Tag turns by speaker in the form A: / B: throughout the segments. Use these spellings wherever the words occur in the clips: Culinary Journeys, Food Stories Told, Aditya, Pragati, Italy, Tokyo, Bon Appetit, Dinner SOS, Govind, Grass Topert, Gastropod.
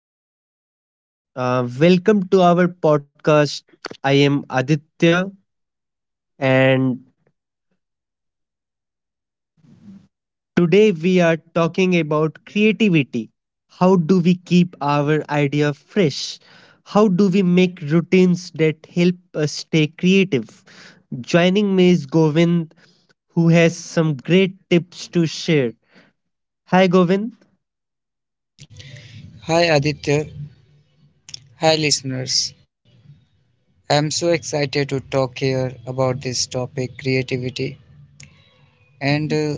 A: Hello, everyone. Welcome to our podcast. I am Aditya, and today we are talking about creativity. How do we keep our idea fresh? How do we make routines that help us stay creative? Joining me is Govind, who has some great tips to share. Hi, Govind.
B: Hi Aditya. Hi listeners. I'm so excited to talk here about this topic creativity. And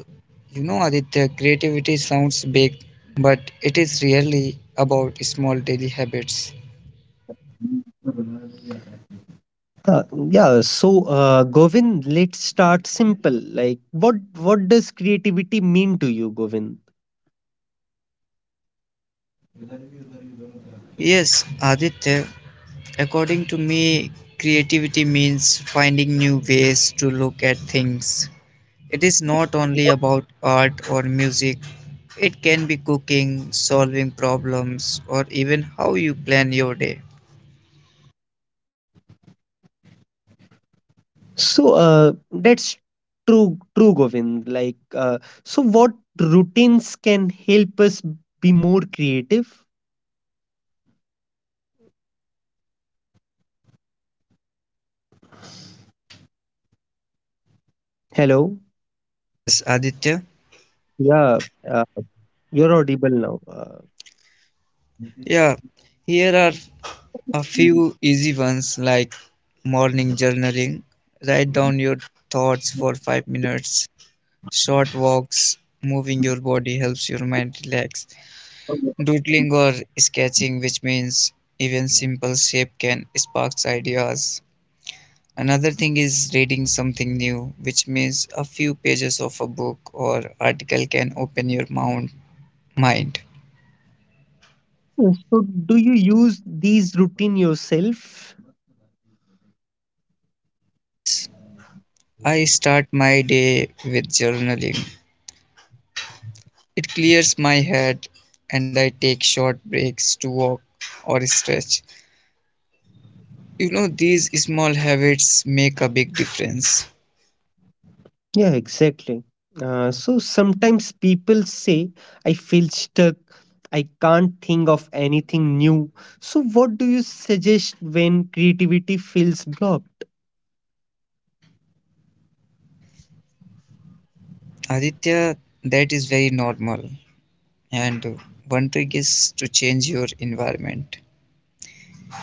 B: You know Aditya, creativity sounds big, but it is really about small daily habits.
A: Uh, Govind, let's start simple. Like, what does creativity mean to you, Govind?
B: Yes, Aditya, according to me, creativity means finding new ways to look at things. It is not only about art or music. It can be cooking, solving problems, or even how you plan your day.
A: That's Govind. What routines can help us be more creative? Hello.
B: Yes, Aditya.
A: Yeah, uh, you're audible now.
B: Yeah, here are a few easy ones like morning journaling, write down your thoughts for 5 minutes, short walks, moving your body helps your mind relax, doodling or sketching, which means even simple shape can sparks ideas. Another thing is reading something new, which means a few pages of a book or article can open your mind.
A: So do you use these routine yourself?
B: Yes, I start my day with journaling. It clears my head and I take short breaks to walk or stretch. You know, these small habits make a big difference.
A: Yeah, exactly. So sometimes people say, I feel stuck. I can't think of anything new. So, what do you suggest when creativity feels blocked?
B: Aditya, that is very normal. And one trick is to change your environment.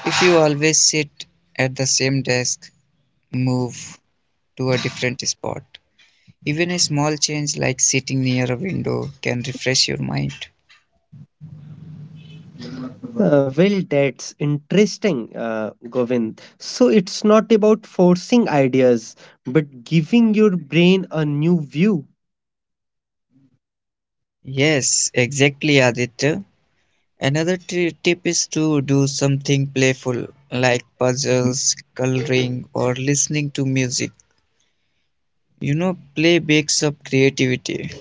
B: If you always sit at the same desk, move to a different spot. Even a small change like sitting near a window can refresh your mind.
A: Well, that's interesting, Govind. So it's not about forcing ideas, but giving your brain a new view.
B: Yes, exactly, Aditya. Another tip is to do something playful like puzzles, coloring, or listening to music. You know, play wakes up creativity.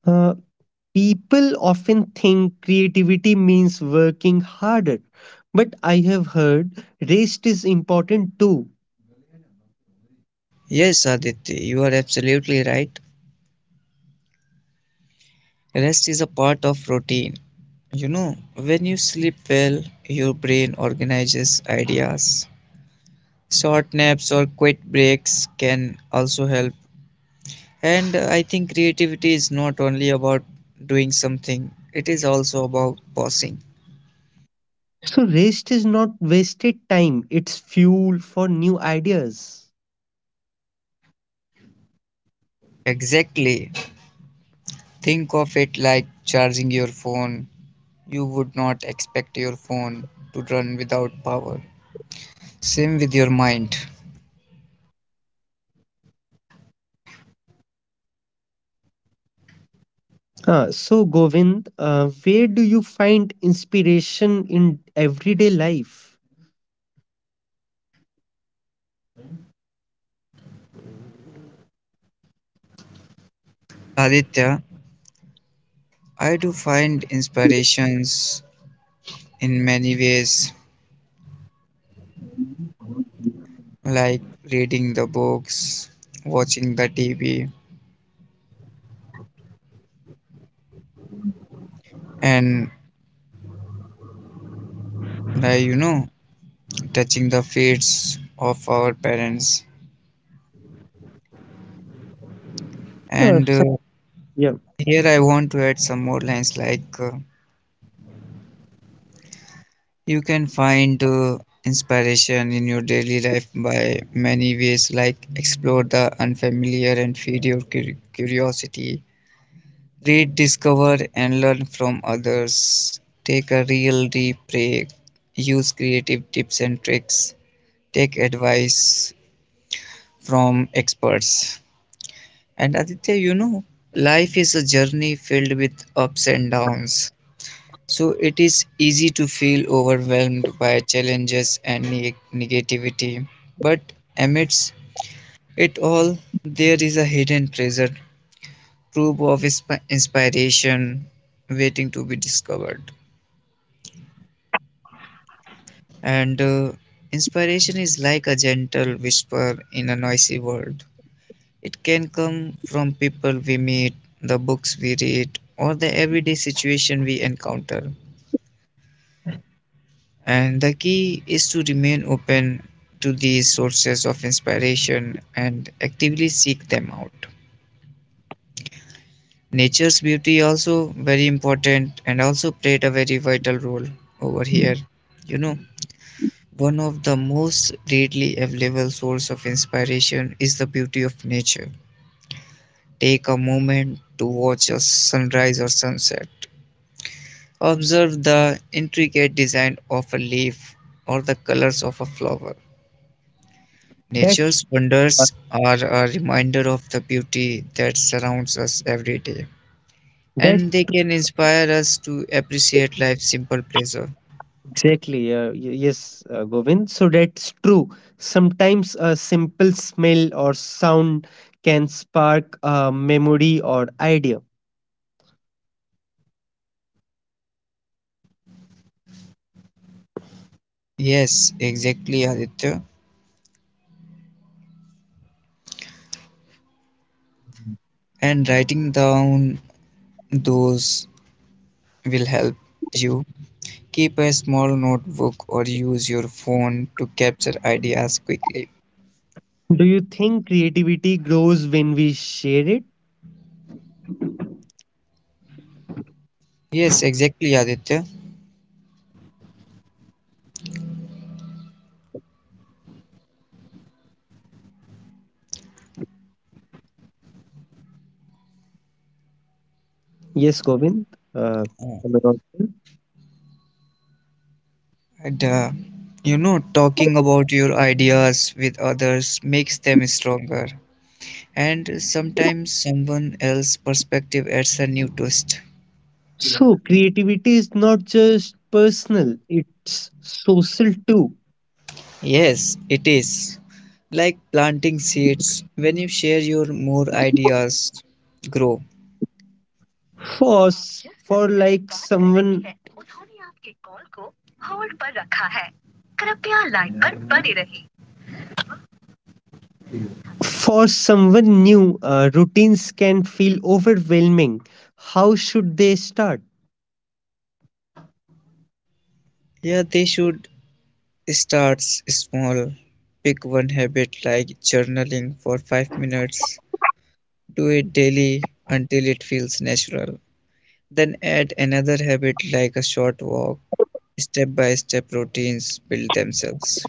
A: Uh, People often think creativity means working harder, but I have heard rest is important too.
B: Yes, Aditya, you are absolutely right. Rest is a part of routine. You know, when you sleep well, your brain organizes ideas. Short naps or quick breaks can also help. And I think creativity is not only about doing something, it is also about pausing.
A: So rest is not wasted time, it's fuel for new ideas.
B: Exactly. Think of it like charging your phone. You would not expect your phone to run without power. Same with your mind.
A: So, Govind, where do you find inspiration in everyday life?
B: Yes, Aditya, I do find inspirations in many ways, like reading the books, watching the TV, and like you know, touching the feet of our parents.
A: Uh,
B: And
A: so- yeah.
B: here I want to add some more lines. You can find inspiration in your daily life by many ways, like explore the unfamiliar and feed your curiosity, read, discover, and learn from others, take a real deep break, use creative tips and tricks, take advice from experts. And Aditya, you know, life is a journey filled with ups and downs. So it is easy to feel overwhelmed by challenges and negativity. But amidst it all, there is a hidden treasure, trove of inspiration waiting to be discovered. And Inspiration is like a gentle whisper in a noisy world. It can come from people we meet, the books we read, or the everyday situation we encounter. And the key is to remain open to these sources of inspiration and actively seek them out. Nature's beauty also very important and also played a very vital role over here. You know, one of the most readily available source of inspiration is the beauty of nature. Take a moment to watch a sunrise or sunset. Observe the intricate design of a leaf or the colors of a flower.
A: That's
B: Nature's
A: uh,
B: wonders are a reminder of the beauty that surrounds us every day,
A: that's
B: and they can inspire us to appreciate life's simple pleasure.
A: exactly yes, Govind. So that's true. Sometimes a simple smell or sound can spark a memory or idea.
B: Yes, exactly, Aditya. And writing down those will help you. Keep a small notebook or use your phone to capture ideas quickly.
A: Do you think creativity grows when we share it?
B: Yes, exactly, Aditya.
A: Yes, Govind. Uh,
B: Uh,
A: am I not wrong?
B: And you know, talking about your ideas with others makes them stronger, and sometimes someone else's perspective adds a new twist.
A: So creativity is not just personal; it's social too.
B: Yes, it is. Like planting seeds, when you share your more ideas grow.
A: For s- for like someone For someone new, routines can feel overwhelming. How should they start?
B: Yeah, they should start small. Pick one habit like journaling for 5 minutes. Do it daily until it feels natural. Then add another habit like a short walk. Step by step routines build themselves.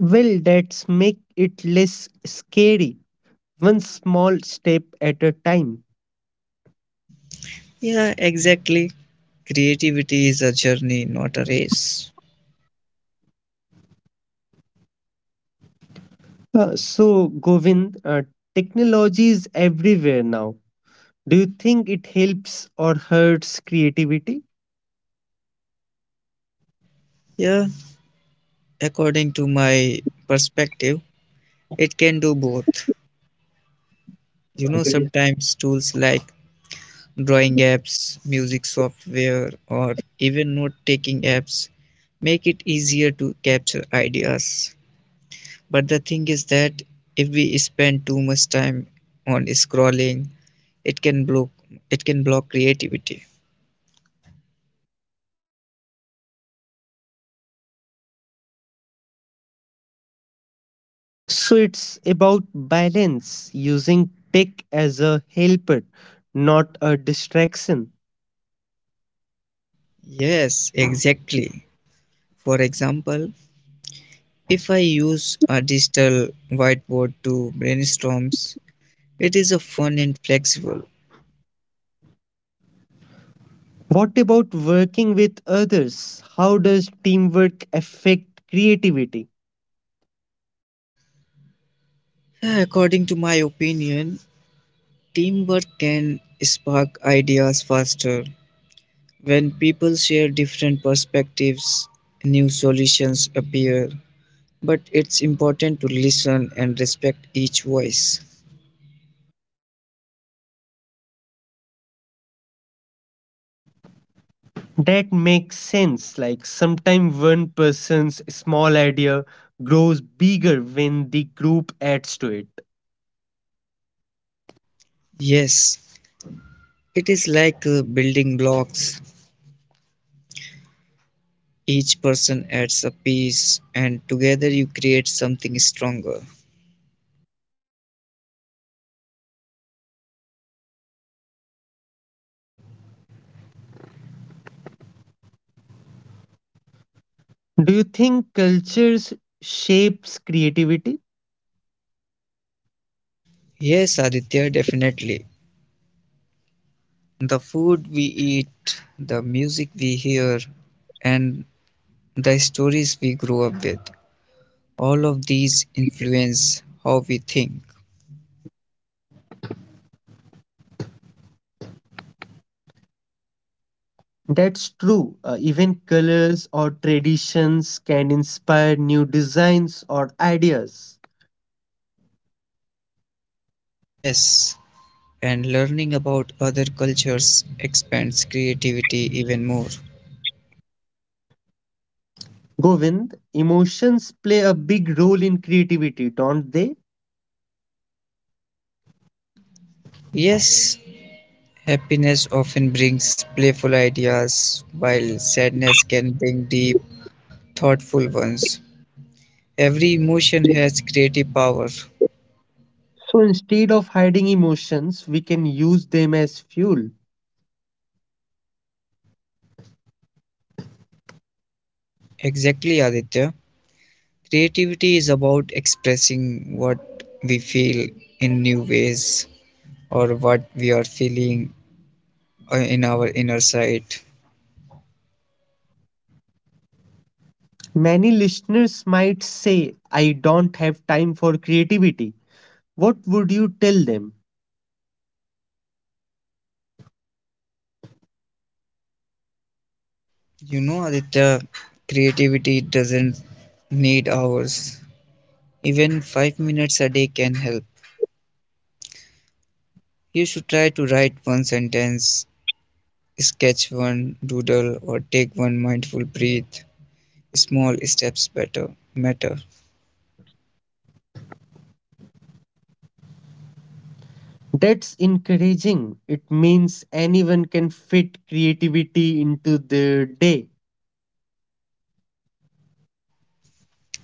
A: Well, let's make it less scary, one small step at a time.
B: Yeah, exactly. Creativity is a journey, not a race.
A: So, Govind, technology is everywhere now. Do you think it helps or hurts creativity?
B: Yeah, according to my perspective, it can do both. You know, sometimes tools like drawing apps, music software, or even note taking apps make it easier to capture ideas. But the thing is that if we spend too much time on scrolling, it can block it can block creativity.
A: So, it's about balance, using tech as a helper, not a distraction.
B: Yes, exactly. For example, if I use a digital whiteboard to brainstorms, it is a fun and flexible.
A: What about working with others? How does teamwork affect creativity?
B: Yeah, according to my opinion, teamwork can spark ideas faster. When people share different perspectives, new solutions appear. But it's important to listen and respect each voice.
A: That makes sense. Like sometimes one person's small idea grows bigger when the group adds to it.
B: Yes, it is like building blocks. Each person adds a piece, and together you create something stronger.
A: Do you think cultures shapes creativity?
B: Yes, Aditya, definitely. The food we eat, the music we hear, and the stories we grow up with, all of these influence how we think.
A: That's true. Even colors or traditions can inspire new designs or ideas.
B: Yes, and learning about other cultures expands creativity even more.
A: Govind, emotions play a big role in creativity, don't they?
B: Yes, happiness often brings playful ideas, while sadness can bring deep, thoughtful ones. Every emotion has creative power.
A: So instead of hiding emotions, we can use them as fuel.
B: Exactly, Aditya. Creativity is about expressing what we feel in new ways or what we are feeling in our inner side.
A: Many listeners might say, I don't have time for creativity. What would you tell them?
B: You know, Aditya, creativity doesn't need hours. Even 5 minutes a day can help. You should try to write one sentence, sketch one doodle, or take one mindful breath. Small steps better matter.
A: That's encouraging. It means anyone can fit creativity into their day.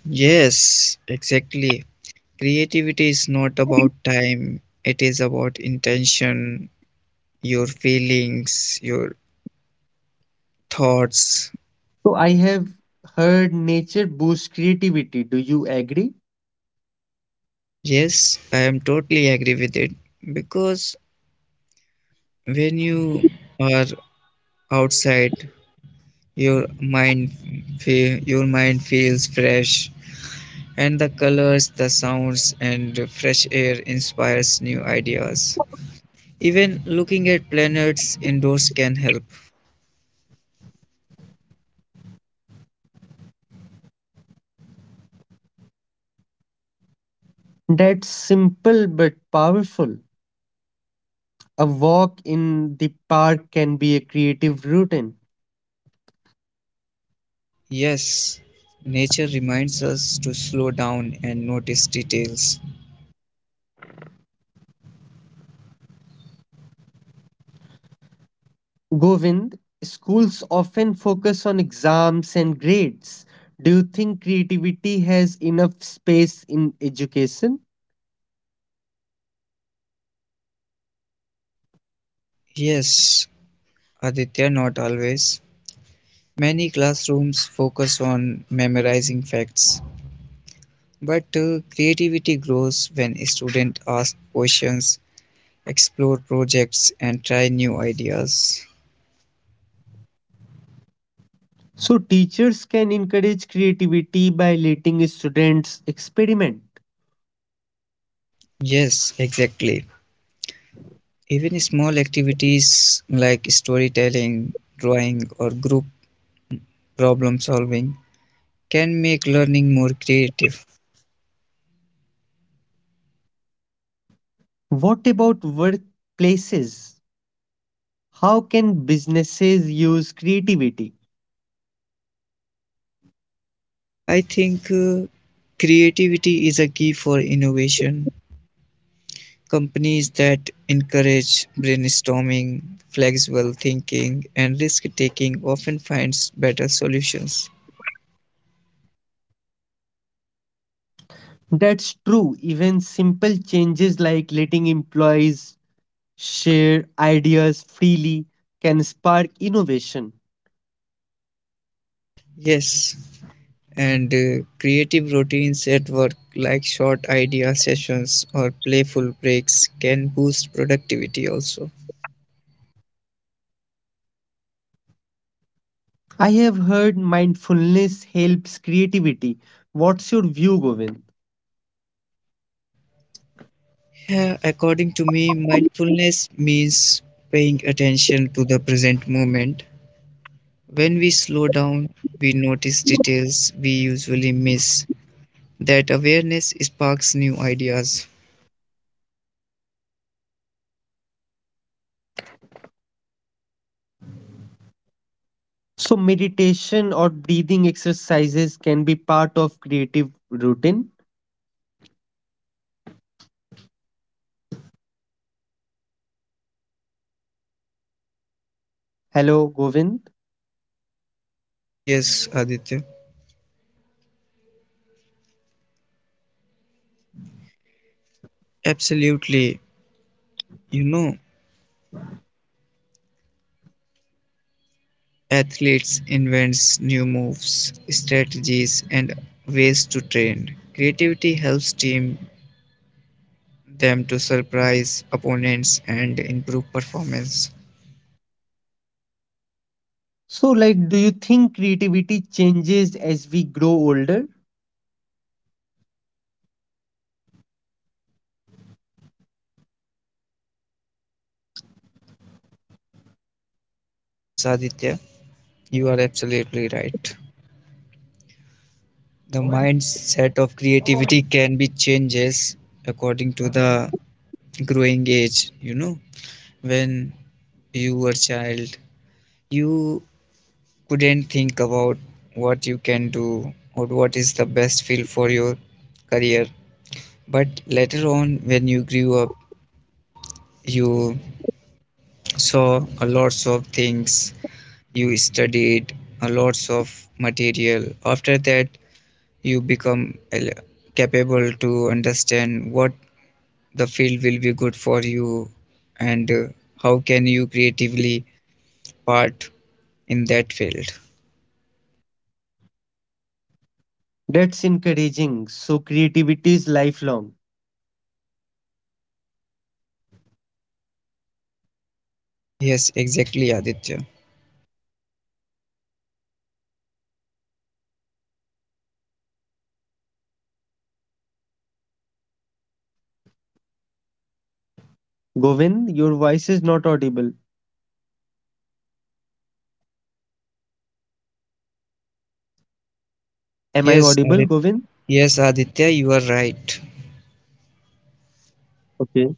B: Yes, exactly. Creativity is not about time, it is about intention, your feelings, your thoughts.
A: So I have heard nature boosts creativity. Do you agree?
B: Yes, I am totally agree with it because when you are outside, your mind your mind feels fresh and the colors, the sounds and fresh air inspires new ideas. Even looking at planets indoors can help.
A: That's simple but powerful. A walk in the park can be a creative routine.
B: Yes, nature reminds us to slow down and notice details.
A: Govind, schools often focus on exams and grades. Do you think creativity has enough space in education?
B: Yes, Aditya, not always. Many classrooms focus on memorizing facts, but creativity grows when students ask questions, explore projects, and try new ideas.
A: So, teachers can encourage creativity by letting students experiment.
B: Yes, exactly. Even small activities like storytelling, drawing, or group problem solving can make learning more creative.
A: What about workplaces? How can businesses use creativity?
B: I think creativity is a key for innovation. Companies that encourage brainstorming, flexible thinking, and risk taking often finds better solutions.
A: That's true, even simple changes like letting employees share ideas freely can spark innovation.
B: Yes, and creative routines at work, like short idea sessions or playful breaks, can boost productivity also.
A: I have heard mindfulness helps creativity. What's your view, Govind?
B: Yeah, according to me, mindfulness means paying attention to the present moment. When we slow down, we notice details we usually miss. That awareness sparks new ideas.
A: So, meditation or breathing exercises can be part of creative routine. Hello, Govind.
B: Yes, yes, Aditya. Absolutely. You know, athletes invents new moves, strategies, and ways to train. Creativity helps team them to surprise opponents and improve performance.
A: So, like, do you think creativity changes as we grow older?
B: Yes, Aditya, you are absolutely right. The mindset of creativity can be changes according to the growing age. You know, when you were child, you couldn't think about what you can do or what is the best field for your career, but later on when you grew up, you saw a lots of things, you studied a lots of material. After that, you become capable to understand what the field will be good for you, and how can you creatively part in that field.
A: That's encouraging. So, creativity is lifelong.
B: Yes, exactly, Aditya.
A: Govind, your voice is not audible. Am I
B: Yes,
A: audible,
B: Aditya.
A: Govind?
B: Yes, Aditya, you are right.
A: Okay.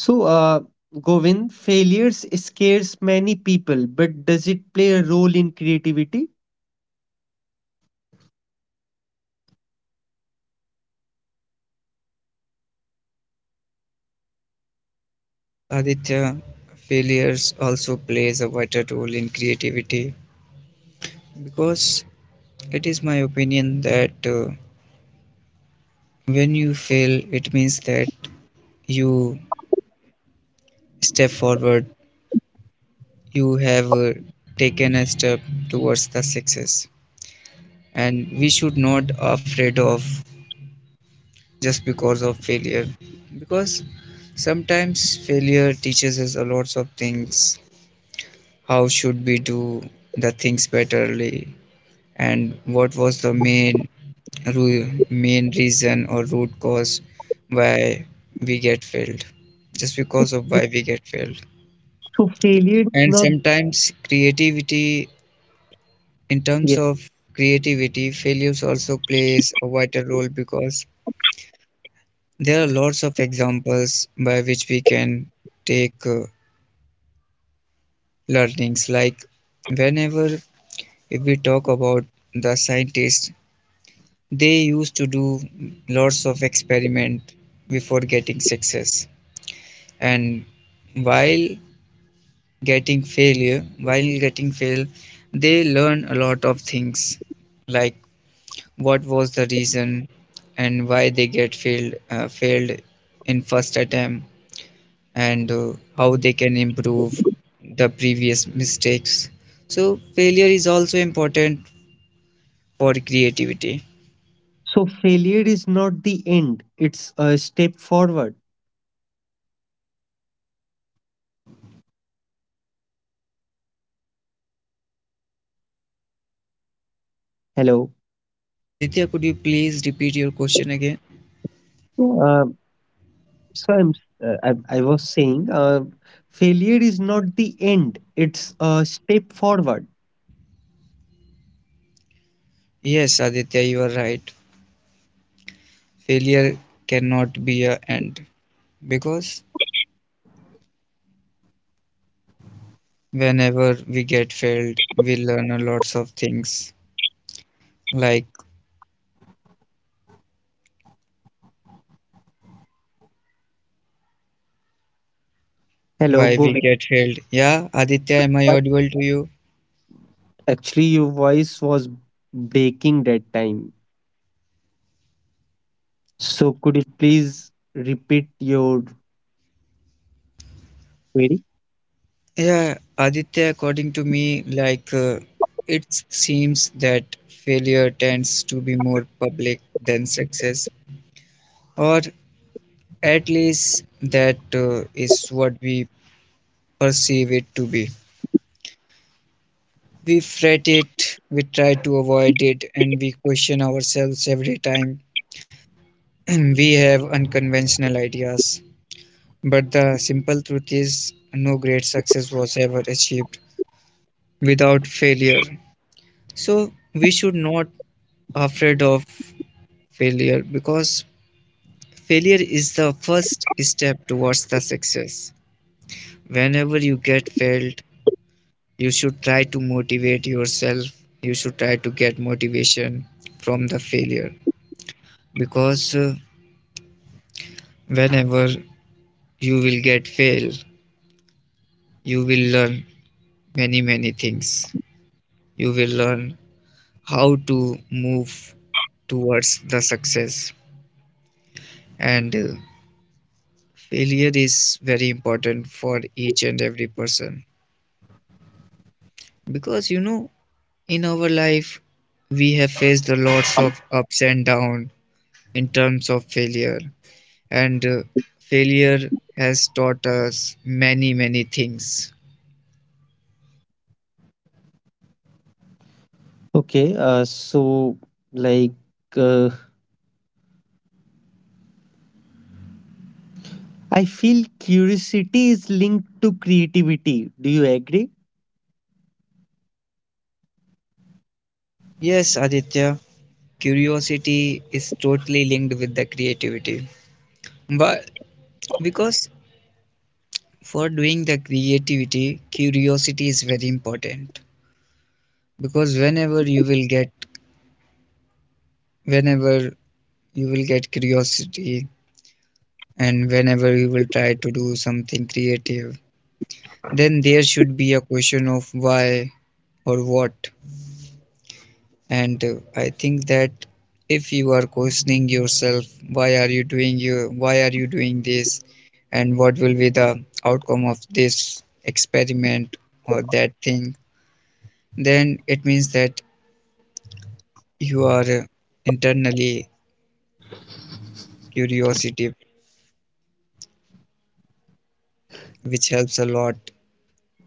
A: So, Govind, failures scares many people, but does it play a role in creativity?
B: Yes, Aditya, failures also plays a vital role in creativity because it is my opinion that when you fail, it means that you step forward, you have taken a step towards the success, and we should not afraid of just because of failure because sometimes failure teaches us a lots of things how should we do the things betterly and what was the main main reason or root cause why we get failed just because of why we get failed
A: So, failure is
B: and
A: not
B: sometimes creativity in terms
A: yes.
B: of creativity failures also plays a vital role because there are lots of examples by which we can take learnings. Like whenever if we talk about the scientists, they used to do lots of experiment before getting success. And while getting failure, they learn a lot of things, like what was the reason and why they get failed in first attempt and how they can improve the previous mistakes. So, failure is also important for creativity.
A: So, failure is not the end; it's a step forward. Hello.
B: Aditya, could you please repeat your question again?
A: Yeah, uh, so I'm. I was saying, failure is not the end; it's a step forward.
B: Yes, Aditya, you are right. Failure cannot be a end because whenever we get failed, we learn a lots of things like why
A: Hello,
B: we
A: Govind.
B: get failed. Yeah, Aditya, am I
A: But
B: audible to you?
A: actually, your voice was breaking that time. So, could you please repeat your query?
B: Yeah, Aditya, according to me, like it seems that failure tends to be more public than success, or at least that is what we perceive it to be. We fret it, we try to avoid it, and we question ourselves every time we have unconventional ideas. But the simple truth is, no great success was ever achieved without failure. So we should not afraid of failure because failure is the first step towards the success. Whenever you get failed, you should try to motivate yourself, you should try to get motivation from the failure, because whenever you will get fail, you will learn many many things, you will learn how to move towards the success, and failure is very important for each and every person. Because you know, in our life, we have faced a lots of ups and downs in terms of failure, and failure has taught us many, many things.
A: Okay, so like uh, I feel curiosity is linked to creativity. Do you agree?
B: Yes, Aditya, curiosity is totally linked with the creativity. But because for doing the creativity, curiosity is very important. Because whenever you will get curiosity, and whenever you will try to do something creative, then there should be a question of why or what, and I think that if you are questioning yourself why are you doing you why are you doing this and what will be the outcome of this experiment or that thing, then it means that you are internally curiosity, which helps a lot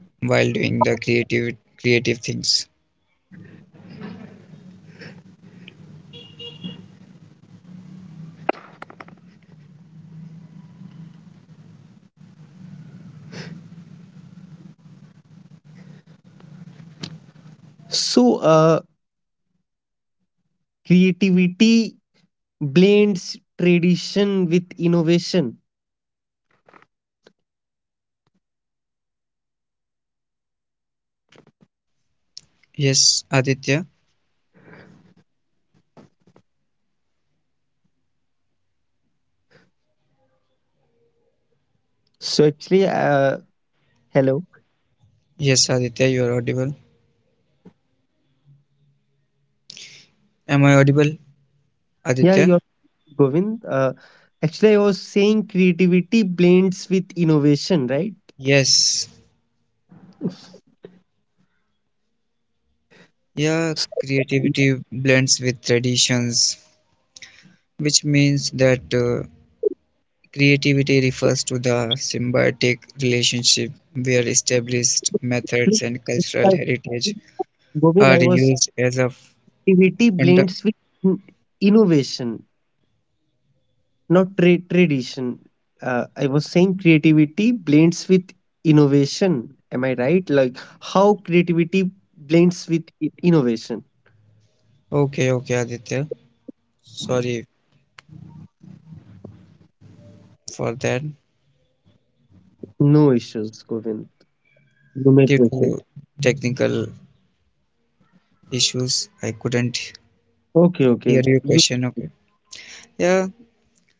B: while doing the creative things.
A: So, creativity blends tradition with innovation.
B: Yes, Aditya.
A: So actually, hello.
B: Yes, Aditya, you are audible. Am I audible,
A: Yeah,
B: Aditya?
A: you're Govind. Actually, I was saying creativity blends with innovation, right?
B: Yes. Yeah,
A: So it
B: creativity blends with traditions, which means that creativity refers to the symbiotic relationship where established methods
A: looks
B: and cultural
A: like,
B: heritage are
A: Govind, I was
B: used as a
A: creativity
B: funda.
A: blends with in- innovation. Not tradition. I was saying creativity blends with innovation. Am I right? Like how creativity blends with innovation.
B: Okay, okay, Aditya. Sorry for that.
A: No issues, Govind. You
B: Due
A: may
B: to
A: proceed.
B: technical issues, I couldn't
A: Okay,
B: hear
A: okay.
B: your
A: You
B: question. Okay. Yeah,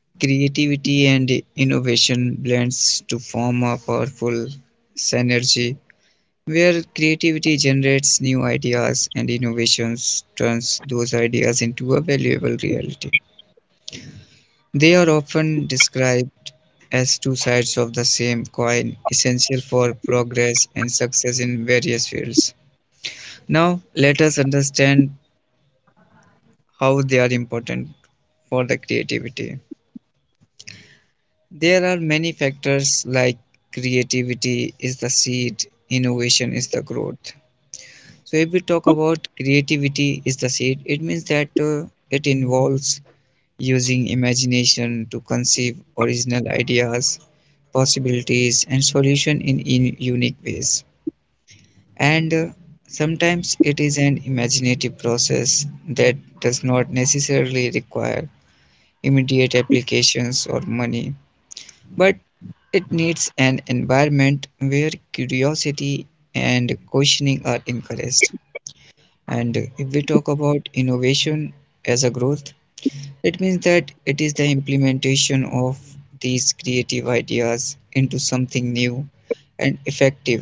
B: creativity and innovation blends to form a powerful synergy where creativity generates new ideas and innovations turns those ideas into a valuable reality. They are often described as two sides of the same coin, essential for progress and success in various fields. Now, let us understand how they are important for the creativity. There are many factors like creativity is the seed, innovation is the growth. So, if we talk about creativity is the seed, it means that it involves using imagination to conceive original ideas, possibilities, and solution in unique ways. And Sometimes it is an imaginative process that does not necessarily require immediate applications or money, but it needs an environment where curiosity and questioning are encouraged. And if we talk about innovation as a growth, it means that it is the implementation of these creative ideas into something new and effective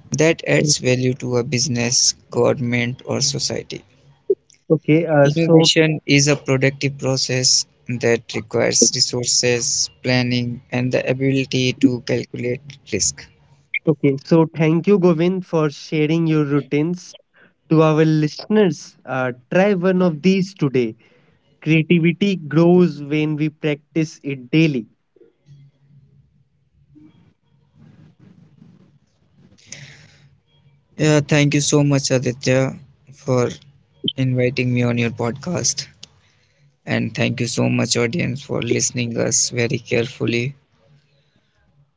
B: that adds value to a business, government, or society.
A: okay?
B: Innovation is a productive process that requires resources, planning, and the ability to calculate risk.
A: Okay. So thank you, Govind, for sharing your routines to our listeners. Try one of these today. Creativity grows when we practice it daily.
B: Yeah, thank you so much, Aditya, for inviting me on your podcast. And thank you so much, audience, for listening us very carefully.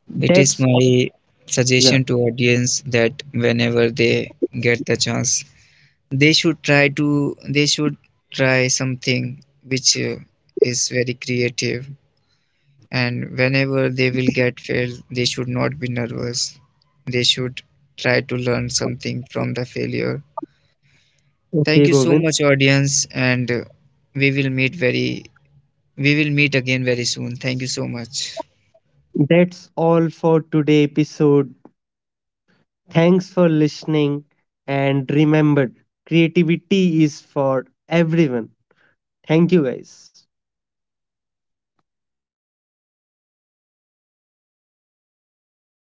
B: It is
A: That's all.
B: my suggestion
A: Yeah.
B: to audience that whenever they get the chance, they should try something which is very creative. And whenever they will get failed, they should not be nervous. They should try to learn something from the failure. Thank you
A: Okay,
B: so much,
A: Govind.
B: audience, and we will meet very we will meet again very soon. Thank you so much.
A: That's all for today episode. Thanks for listening and remember creativity is for everyone. Thank you guys.